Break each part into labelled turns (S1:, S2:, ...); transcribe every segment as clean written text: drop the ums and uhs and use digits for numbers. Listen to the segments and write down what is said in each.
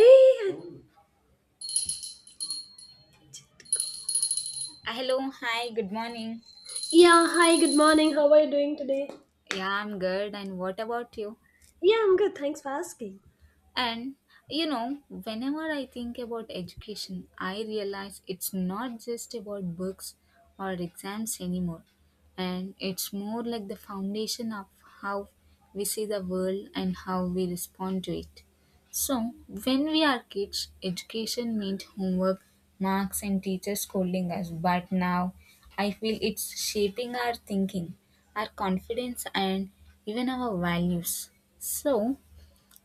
S1: Hey!
S2: Hello, hi, good morning.
S1: Yeah, hi, good morning. How are you doing today?
S2: Yeah, I'm good. And what about you?
S1: Yeah, I'm good. Thanks for asking.
S2: And whenever I think about education, I realize it's not just about books or exams anymore. And it's more like the foundation of how we see the world and how we respond to it. So, when we are kids, education meant homework, marks, and teachers scolding us. But now, I feel it's shaping our thinking, our confidence, and even our values. So,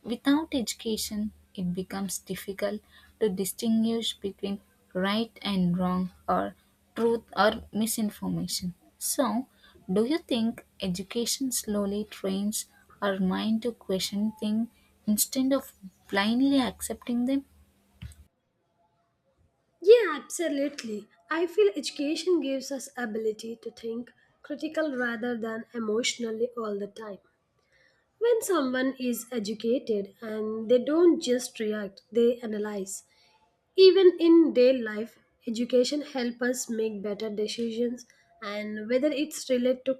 S2: without education, it becomes difficult to distinguish between right and wrong or truth or misinformation. So, do you think education slowly trains our mind to question things instead of blindly accepting them?
S1: Yeah, absolutely. I feel education gives us ability to think critical rather than emotionally all the time. When someone is educated and they don't just react, they analyze. Even in daily life, education helps us make better decisions and whether it's related to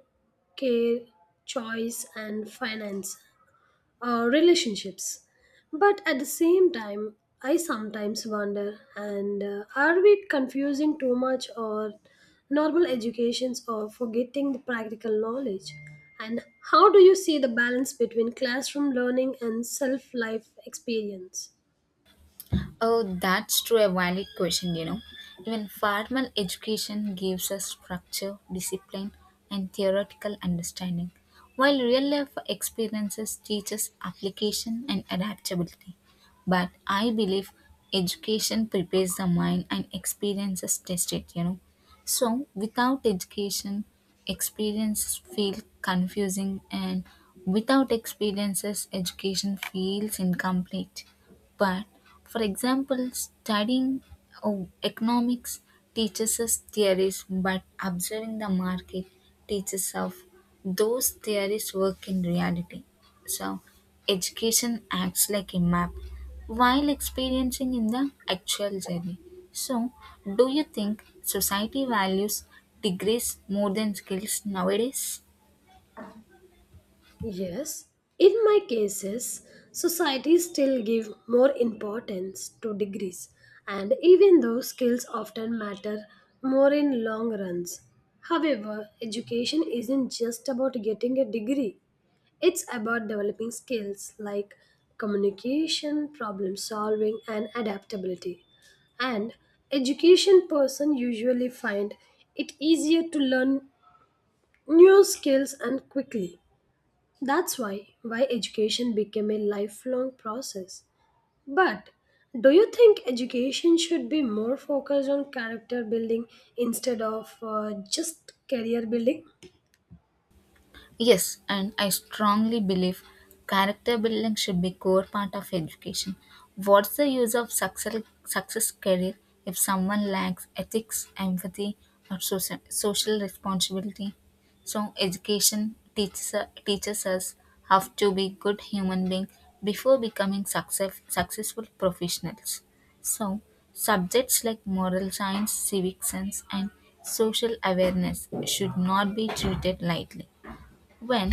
S1: care, choice and finance relationships. But at the same time, I sometimes wonder and are we confusing too much or normal educations or forgetting the practical knowledge? And how do you see the balance between classroom learning and self life experience?
S2: Oh, that's true, a valid question. Even formal education gives us structure, discipline, and theoretical understanding, while real life experiences teach us application and adaptability. But I believe education prepares the mind and experiences test it. So, without education, experiences feel confusing, and without experiences, education feels incomplete. But, for example, studying oh, economics teaches us theories, but observing the market teaches us those theories work in reality. So, education acts like a map while experiencing in the actual journey. So, do you think society values degrees more than skills nowadays?
S1: Yes, in my cases, society still give more importance to degrees, and even though skills often matter more in long runs. However, education isn't just about getting a degree. It's about developing skills like communication, problem solving, and adaptability. And education person usually find it easier to learn new skills and quickly that's why education became a lifelong process. But do you think education should be more focused on character building instead of just career building?
S2: Yes, and I strongly believe character building should be core part of education. What's the use of success career if someone lacks ethics, empathy, or social responsibility? So education teaches us how to be good human being before becoming successful professionals. So subjects like moral science, civic sense, and social awareness should not be treated lightly. When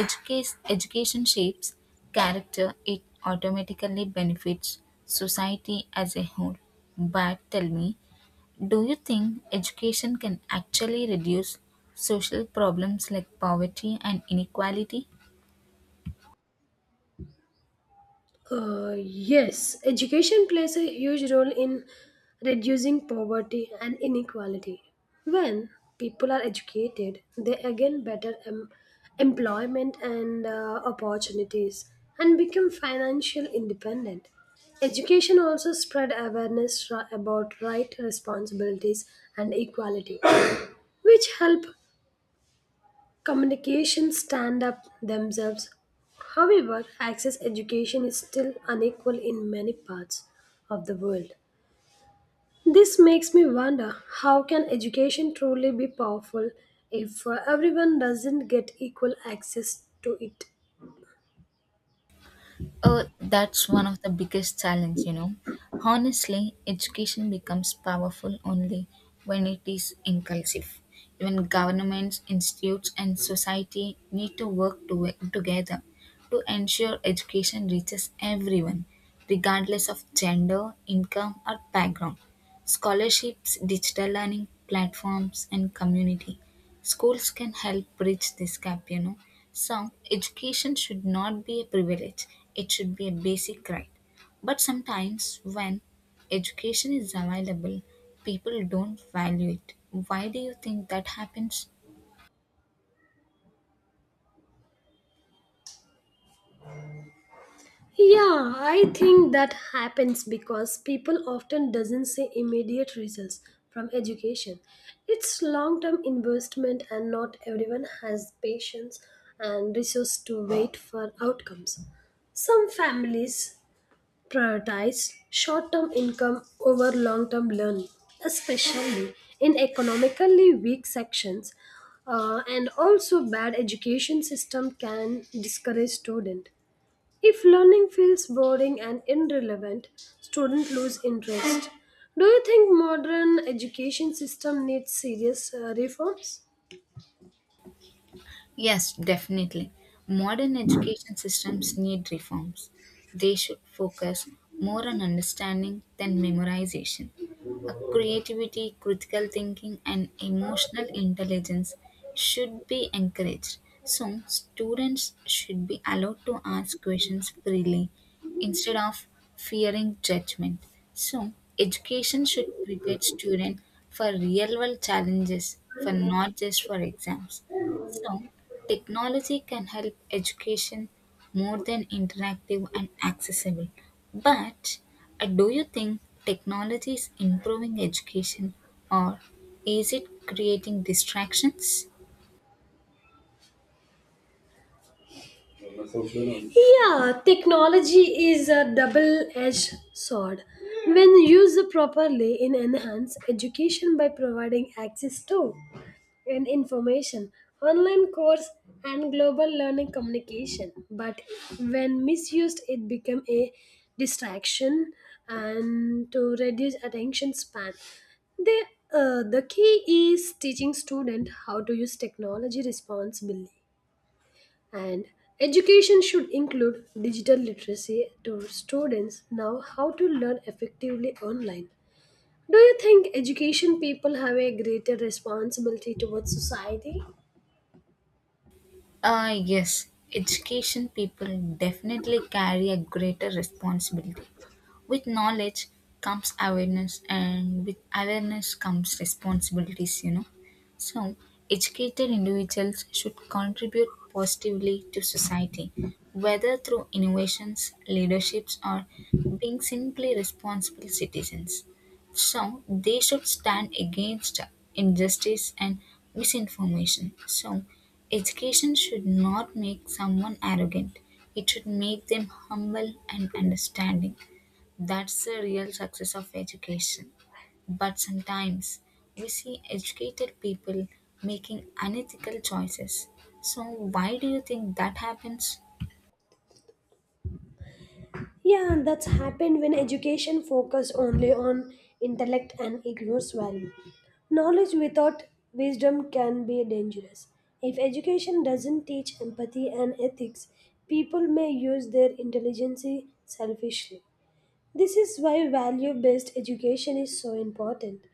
S2: education shapes character, it automatically benefits society as a whole. But tell me, do you think education can actually reduce social problems like poverty and inequality?
S1: Yes, education plays a huge role in reducing poverty and inequality. When people are educated, they again better employment and opportunities and become financial independent. Education also spread awareness about right responsibilities and equality, which help Communications stand up themselves. However, access education is still unequal in many parts of the world. This makes me wonder how can education truly be powerful if everyone doesn't get equal access to it?
S2: Oh, that's one of the biggest challenge. Honestly, education becomes powerful only when it is inclusive. Even governments, institutes, and society need to work together to ensure education reaches everyone, regardless of gender, income, or background. Scholarships, digital learning platforms, and community schools can help bridge this gap. So, education should not be a privilege, it should be a basic right. But sometimes, when education is available, people don't value it. Why do you think that happens?
S1: Yeah, I think that happens because people often doesn't see immediate results from education. It's long-term investment and not everyone has patience and resource to wait for outcomes. Some families prioritize short-term income over long-term learning, especially in economically weak sections. And also bad education system can discourage student if learning feels boring and irrelevant, students lose interest. Do you think modern education system needs serious reforms?
S2: Yes, definitely. Modern education systems need reforms. They should focus more on understanding than memorization. Creativity, critical thinking, and emotional intelligence should be encouraged. So, students should be allowed to ask questions freely instead of fearing judgment. So, education should prepare students for real world challenges, for not just for exams. So, technology can help education more than interactive and accessible, but do you think technology is improving education or is it creating distractions?
S1: Yeah, technology is a double edged sword. When used properly, it enhances education by providing access to and information, online course, and global learning communication. But when misused, it becomes a distraction and to reduce attention span. The, the key is teaching students how to use technology responsibly and education should include digital literacy to students now how to learn effectively online. Do you think education people have a greater responsibility towards society?
S2: Yes, education people definitely carry a greater responsibility. With knowledge comes awareness, and with awareness comes responsibilities. So, educated individuals should contribute positively to society, whether through innovations, leaderships, or being simply responsible citizens. So, they should stand against injustice and misinformation. So, education should not make someone arrogant, it should make them humble and understanding. That's the real success of education. But sometimes we see educated people making unethical choices. So, why do you think that happens?
S1: Yeah, and that's happened when education focus only on intellect and ignores value. Knowledge without wisdom can be dangerous. If education doesn't teach empathy and ethics, people may use their intelligence selfishly. This is why value based education is so important.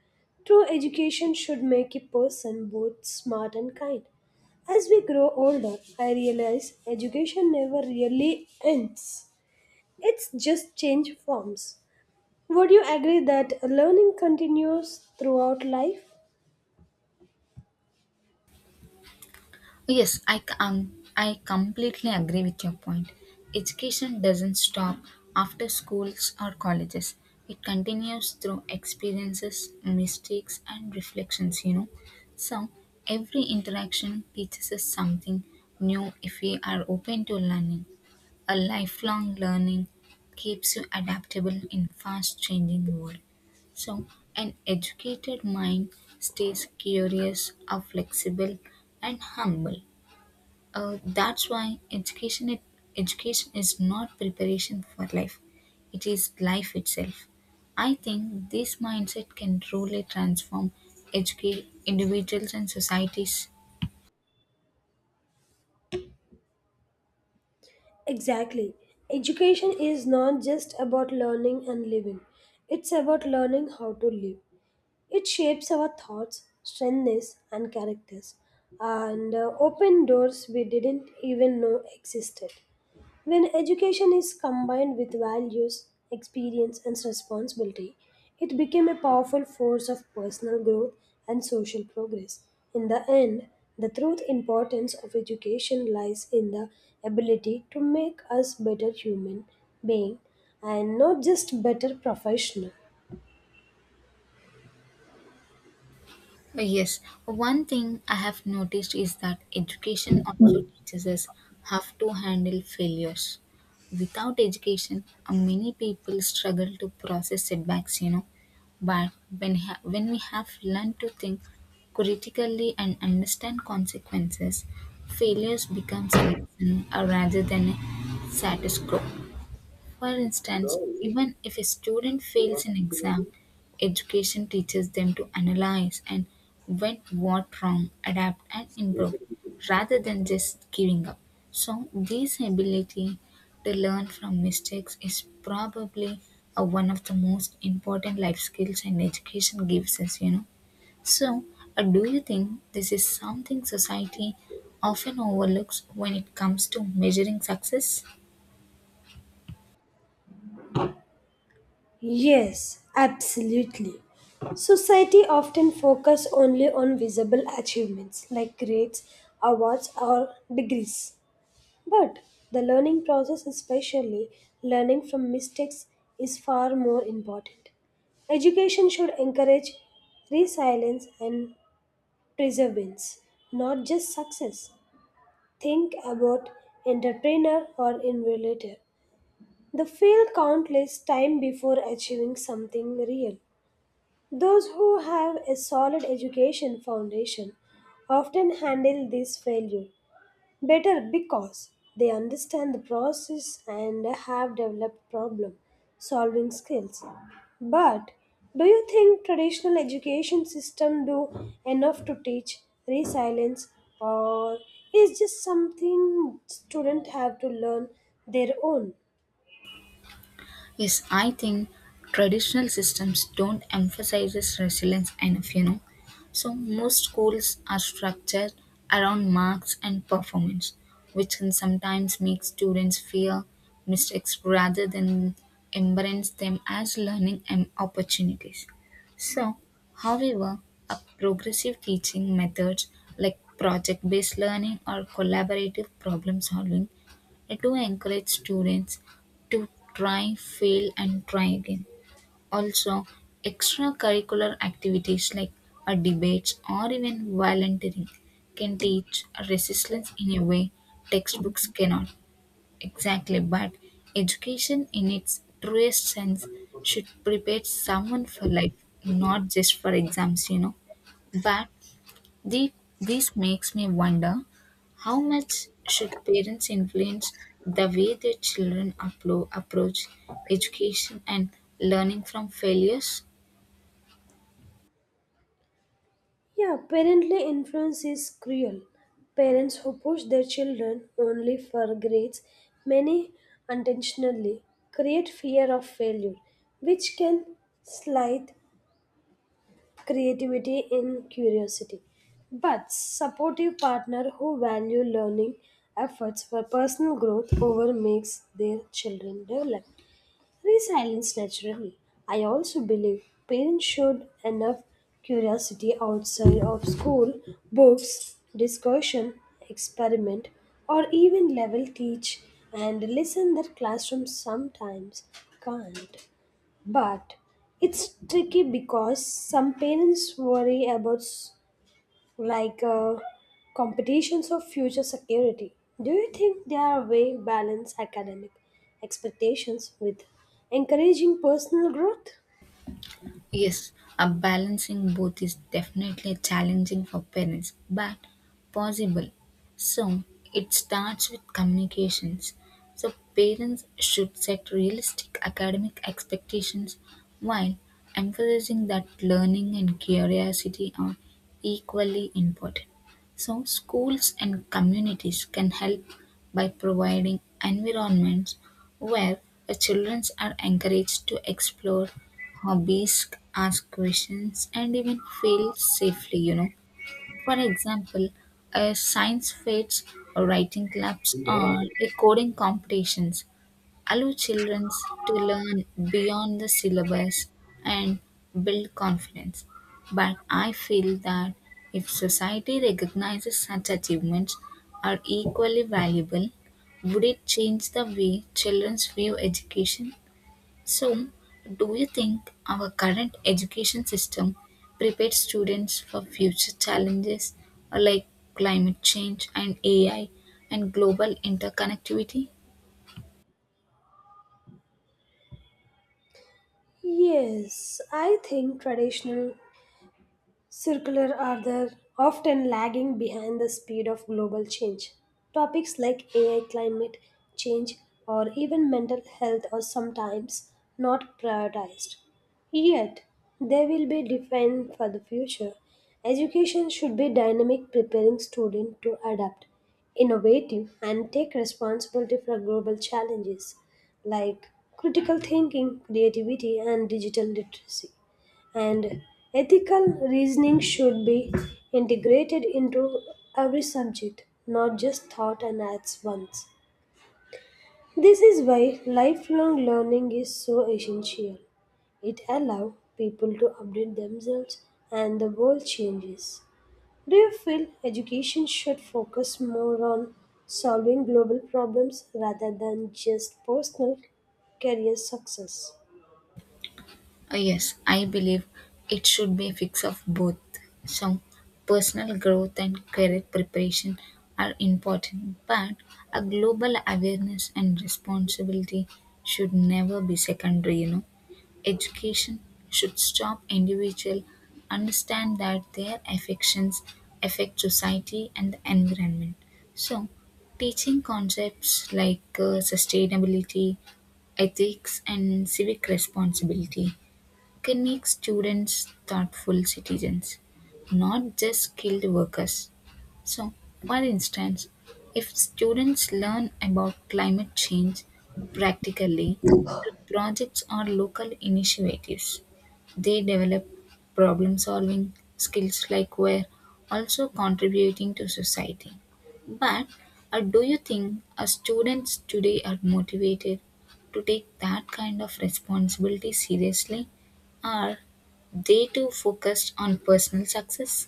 S1: True education should make a person both smart and kind. As we grow older, I realize education never really ends. It's just change forms. Would you agree that learning continues throughout life?
S2: Yes, I completely agree with your point. Education doesn't stop after schools or colleges, it continues through experiences, mistakes, and reflections. So, every interaction teaches us something new if we are open to learning. A lifelong learning keeps you adaptable in fast changing world. So an educated mind stays curious, are flexible and humble. That's why education it, Education is not preparation for life. It is life itself. I think this mindset can truly transform educate individuals and societies.
S1: Exactly. Education is not just about learning and living. It's about learning how to live. It shapes our thoughts, strengths, and characters, and open doors we didn't even know existed. When education is combined with values, experience, and responsibility, it became a powerful force of personal growth and social progress. In the end, the truth importance of education lies in the ability to make us better human being and not just better professional.
S2: Yes, one thing I have noticed is that education also teaches us how to handle failures. Without education, many people struggle to process setbacks. But when we have learned to think critically and understand consequences, failures becomes a lesson rather than a status quo. For instance, even if a student fails an exam, education teaches them to analyze and went what wrong, adapt and improve rather than just giving up. So this ability to learn from mistakes is probably one of the most important life skills and education gives us. So do you think this is something society often overlooks when it comes to measuring success?
S1: Yes, absolutely. Society often focus only on visible achievements like grades, awards or degrees. But the learning process, especially learning from mistakes, is far more important. Education should encourage resilience and perseverance, not just success. Think about entrepreneur or innovator. They fail countless times before achieving something real. Those who have a solid education foundation often handle this failure better because they understand the process and have developed problem solving skills. But do you think traditional education system do enough to teach resilience or is just something students have to learn their own?
S2: Yes, I think traditional systems don't emphasize resilience enough. So most schools are structured around marks and performance, which can sometimes make students fear mistakes rather than embrace them as learning and opportunities. So, however, a progressive teaching methods like project based learning or collaborative problem solving I do encourage students to try, fail, and try again. Also, extracurricular activities like a debates or even volunteering can teach resilience in a way textbooks cannot. Exactly, but education in its truest sense should prepare someone for life, not just for exams. But the, this makes me wonder how much should parents influence the way their children approach education and learning from failures?
S1: Yeah, parental influence is cruel. Parents who push their children only for grades, many unintentionally, create fear of failure, which can slight creativity and curiosity. But supportive partner who value learning efforts for personal growth over makes their children develop. Resilience naturally. I also believe parents should enough curiosity outside of school, books, discussion, experiment, or even level teach and listen that classrooms sometimes can't. But it's tricky because some parents worry about like competitions of future security. Do you think they are way balance academic expectations with encouraging personal growth?
S2: Yes, balancing both is definitely challenging for parents, but possible. So it starts with communications. So parents should set realistic academic expectations while emphasizing that learning and curiosity are equally important. So schools and communities can help by providing environments where the children are encouraged to explore hobbies, ask questions, and even fail safely. For example, a science fairs or writing clubs or a coding competitions allow children to learn beyond the syllabus and build confidence. But I feel that if society recognizes such achievements are equally valuable, would it change the way children view education? So, do you think our current education system prepares students for future challenges like climate change and AI and global interconnectivity?
S1: Yes, I think traditional circular are the often lagging behind the speed of global change. Topics like AI, climate change, or even mental health are sometimes not prioritized. Yet, they will be defined for the future. Education should be dynamic, preparing students to adapt, innovative, and take responsibility for global challenges like critical thinking, creativity, and digital literacy and ethical reasoning should be integrated into every subject, not just thought and acts once. This is why lifelong learning is so essential. It allows people to update themselves and the world changes. Do you feel education should focus more on solving global problems rather than just personal career success?
S2: Yes, I believe it should be a mix of both. So, personal growth and career preparation are important, but a global awareness and responsibility should never be secondary. Education should help individuals understand that their affections affect society and the environment. So, teaching concepts like sustainability, ethics, and civic responsibility can make students thoughtful citizens, not just skilled workers. So, for instance, if students learn about climate change practically through projects or local initiatives, they develop problem solving skills like we're also contributing to society. But do you think our students today are motivated to take that kind of responsibility seriously? Are they too focused on personal success?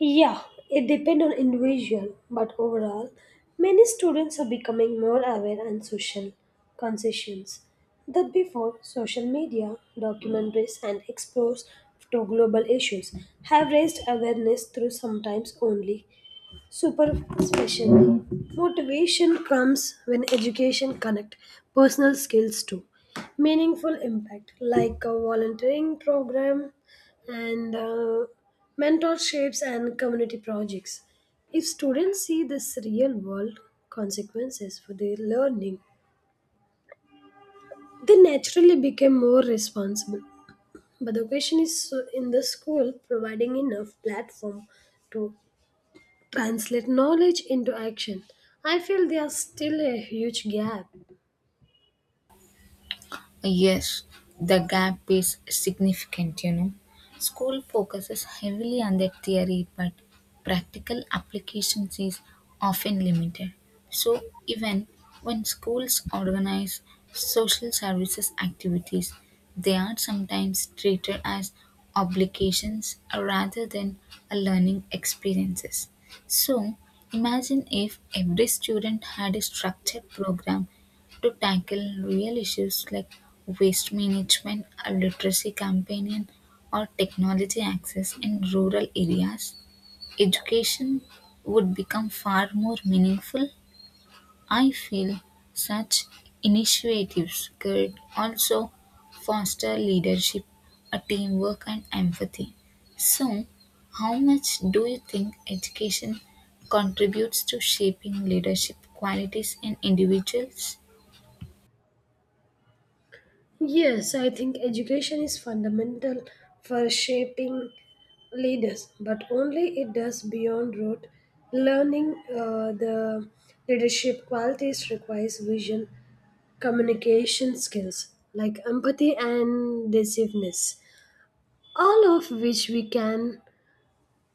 S1: Yeah, it depends on individual, but overall, many students are becoming more aware and social conscious that before social media, documentaries and exposure to global issues have raised awareness through sometimes only Super special. Motivation comes when education connect personal skills to meaningful impact like a volunteering program and mentorships and community projects. If students see this real world consequences for their learning, they naturally become more responsible. But the question is so in the school providing enough platform to translate knowledge into action. I feel there's still a huge gap.
S2: Yes, the gap is significant, you know. School focuses heavily on the theory, but practical applications is often limited. So, even when schools organize social services activities, they are sometimes treated as obligations rather than a learning experiences. So, imagine if every student had a structured program to tackle real issues like waste management, a literacy campaign, or technology access in rural areas, education would become far more meaningful. I feel such initiatives could also foster leadership, a teamwork, and empathy. So, how much do you think education contributes to shaping leadership qualities in individuals?
S1: Yes, I think education is fundamental for shaping leaders, but only it does beyond rote learning. The leadership qualities requires vision, communication skills like empathy and decisiveness, all of which we can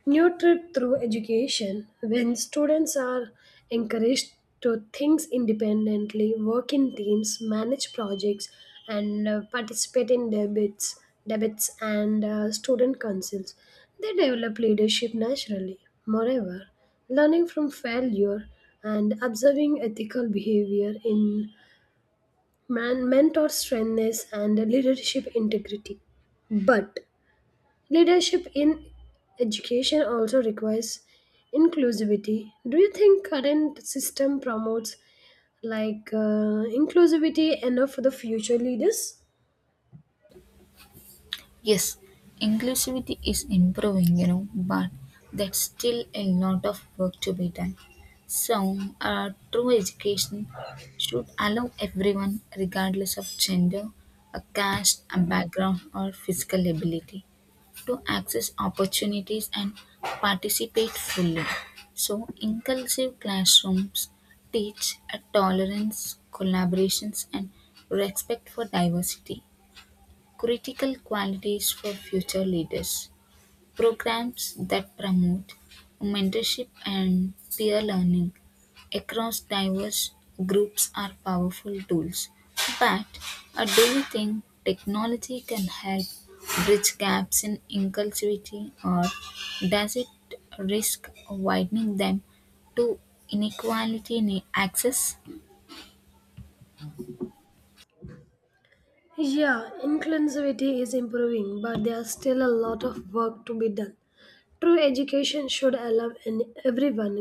S1: New trip through education, when students are encouraged to think independently, work in teams, manage projects, and participate in debates, debates and student councils, they develop leadership naturally. Moreover, learning from failure and observing ethical behavior in mentor strengths and leadership integrity. But Leadership in education also requires inclusivity. Do you think current system promotes like inclusivity enough for the future leaders?
S2: Yes, inclusivity is improving, you know, but that's still a lot of work to be done. So, true education should allow everyone, regardless of gender, a caste, a background, or physical ability, to access opportunities and participate fully. So, inclusive classrooms teach a tolerance, collaborations, and respect for diversity critical qualities for future leaders: Programs that promote mentorship and peer learning across diverse groups are powerful tools. But do you think technology can help bridge gaps in inclusivity or does it risk widening them to inequality in access?
S1: Yeah, inclusivity is improving, but there's still a lot of work to be done. True education should allow everyone,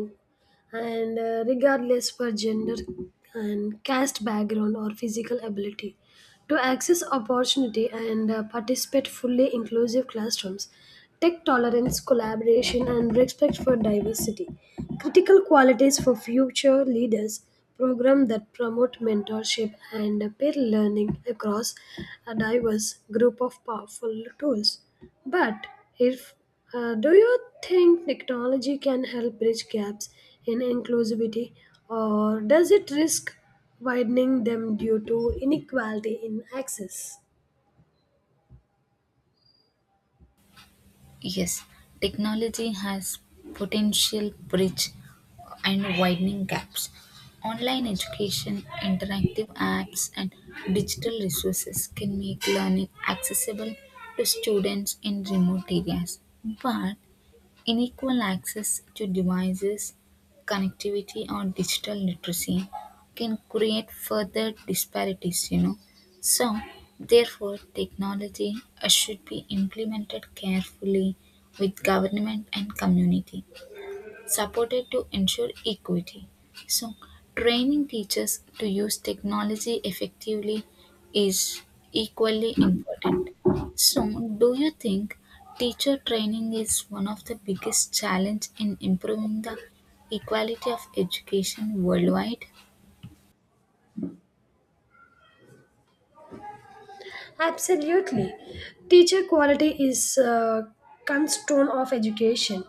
S1: and regardless for gender and caste background or physical ability, to access opportunity and participate fully inclusive classrooms. Tech tolerance, collaboration, and respect for diversity. Critical qualities for future leaders program that promote mentorship and peer learning across a diverse group of powerful tools. But if do you think technology can help bridge gaps in inclusivity or does it risk widening them due to inequality in access?
S2: Yes, technology has potential bridge and widening gaps. Online education, interactive apps, and digital resources can make learning accessible to students in remote areas. But unequal access to devices, connectivity, or digital literacy can create further disparities. So, therefore, technology should be implemented carefully with government and community supported to ensure equity. So, training teachers to use technology effectively is equally important. So, do you think teacher training is one of the biggest challenge in improving the equality of education worldwide?
S1: Absolutely. Teacher quality is a cornerstone of education.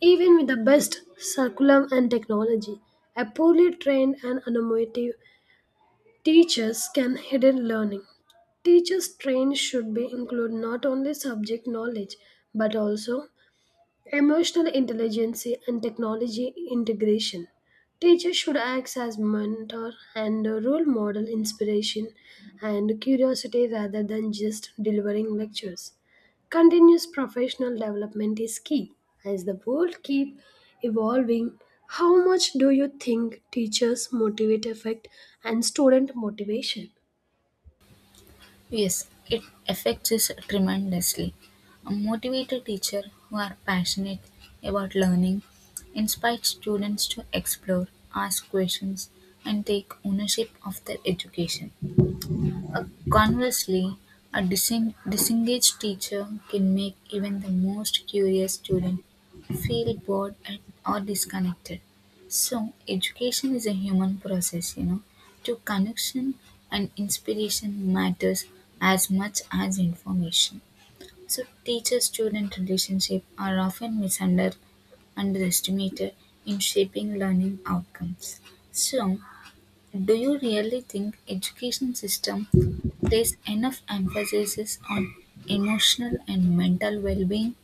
S1: Even with the best curriculum and technology, a poorly trained and innovative teachers can hidden learning. Teachers trained should be include not only subject knowledge but also Emotional intelligence and technology integration. Teachers should act as mentor and role model inspiration and curiosity rather than just delivering lectures. Continuous professional development is key. As the world keep evolving, how much do you think teachers motivate effect and student motivation?
S2: Yes, it affects us tremendously. A motivated teacher who are passionate about learning inspires students to explore, ask questions, and take ownership of their education. Conversely, a disengaged teacher can make even the most curious student feel bored and, or disconnected. So, education is a human process, you know. To connection and inspiration matters as much as information. So, teacher student relationship are often misunderstood underestimated in shaping learning outcomes. So, do you really think education system place enough emphasis on emotional and mental well-being?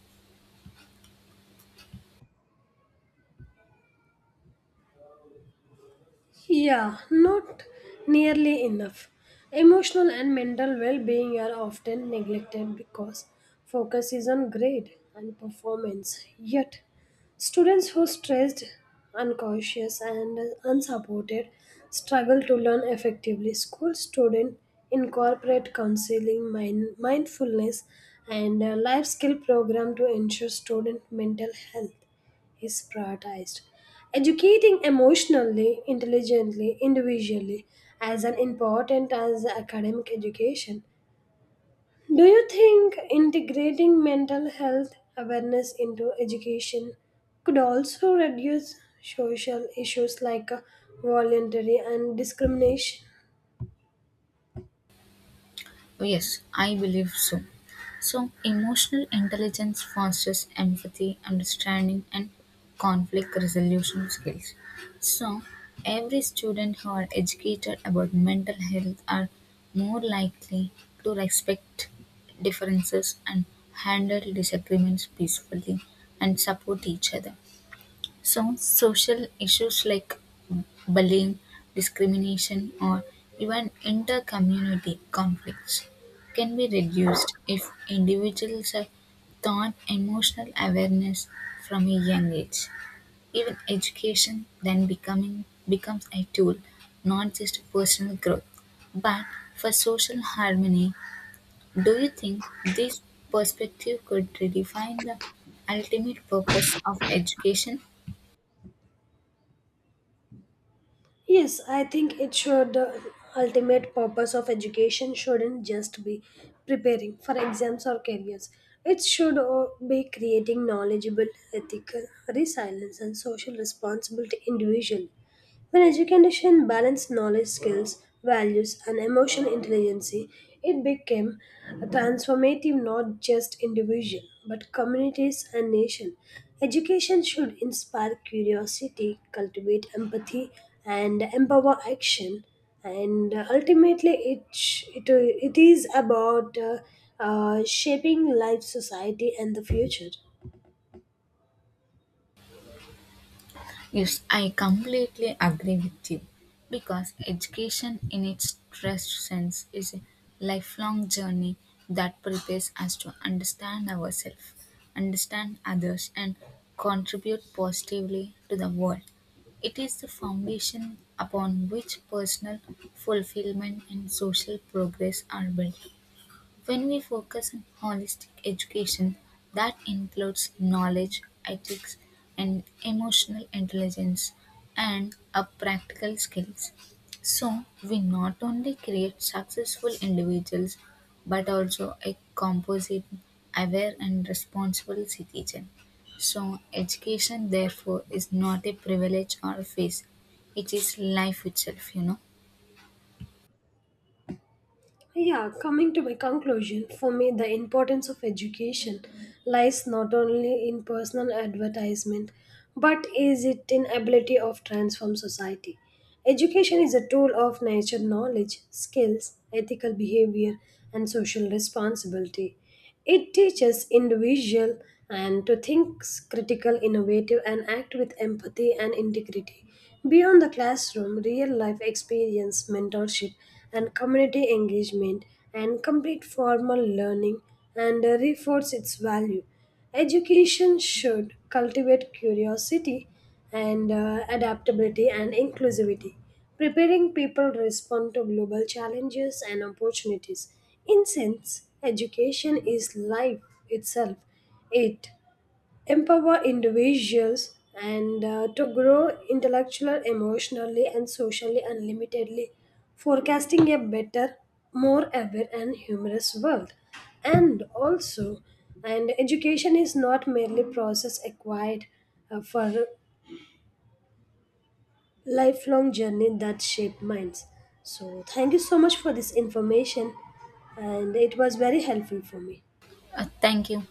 S1: Yeah, not nearly enough. Emotional and mental well being are often neglected because focus is on grade and performance. Yet, students who are stressed, unconscious, and unsupported struggle to learn effectively. School students incorporate counseling, mindfulness, and life skill program to ensure student mental health is prioritized. Educating emotionally, intelligently, individually as an important as academic education. Do you think integrating mental health awareness into education could also reduce social issues like voluntary and discrimination?
S2: Oh, yes, I believe so. So emotional intelligence fosters empathy, understanding and conflict resolution skills. So every student who are educated about mental health are more likely to respect differences and handle disagreements peacefully and support each other. So, social issues like bullying, discrimination, or even inter-community conflicts can be reduced if individuals are taught emotional awareness from a young age. Even education then becoming becomes a tool, not just for personal growth, but for social harmony. Do you think this perspective could redefine the ultimate purpose of education?
S1: Yes, I think it should. The ultimate purpose of education shouldn't just be preparing for exams or careers. It should be creating knowledgeable, ethical, resilience, and social responsibility individually. When education balanced knowledge, skills, values, and emotional intelligence, it became a transformative not just individual but communities and nation. Education should inspire curiosity, cultivate empathy, and empower action. And ultimately, it is about shaping life, society, and the future.
S2: Yes, I completely agree with you because education in its truest sense is a lifelong journey that prepares us to understand ourselves, understand others, and contribute positively to the world. It is the foundation upon which personal fulfillment and social progress are built. When we focus on holistic education, that includes knowledge, ethics, and emotional intelligence, and our practical skills. So, we not only create successful individuals but also a composite, aware, and responsible citizen. So, education, therefore, is not a privilege or a phase, it is life itself, you know.
S1: Yeah, coming to my conclusion, for me, the importance of education lies not only in personal advertisement, but is it in ability of transform society. Education is a tool of nature knowledge, skills, ethical behavior, and social responsibility. It teaches individual and to think critical, innovative, and act with empathy and integrity. Beyond the classroom, real life experience, mentorship, and community engagement and complete formal learning and reinforce its value. Education should cultivate curiosity and adaptability and inclusivity preparing people respond to global challenges and opportunities. In sense, education is life itself. It empower individuals and to grow intellectually, emotionally, and socially unlimitedly, forecasting a better, more aware, and humorous world. And also, and education is not merely process acquired for lifelong journey that shape minds. So, thank you so much for this information, and it was very helpful for me.
S2: Thank you.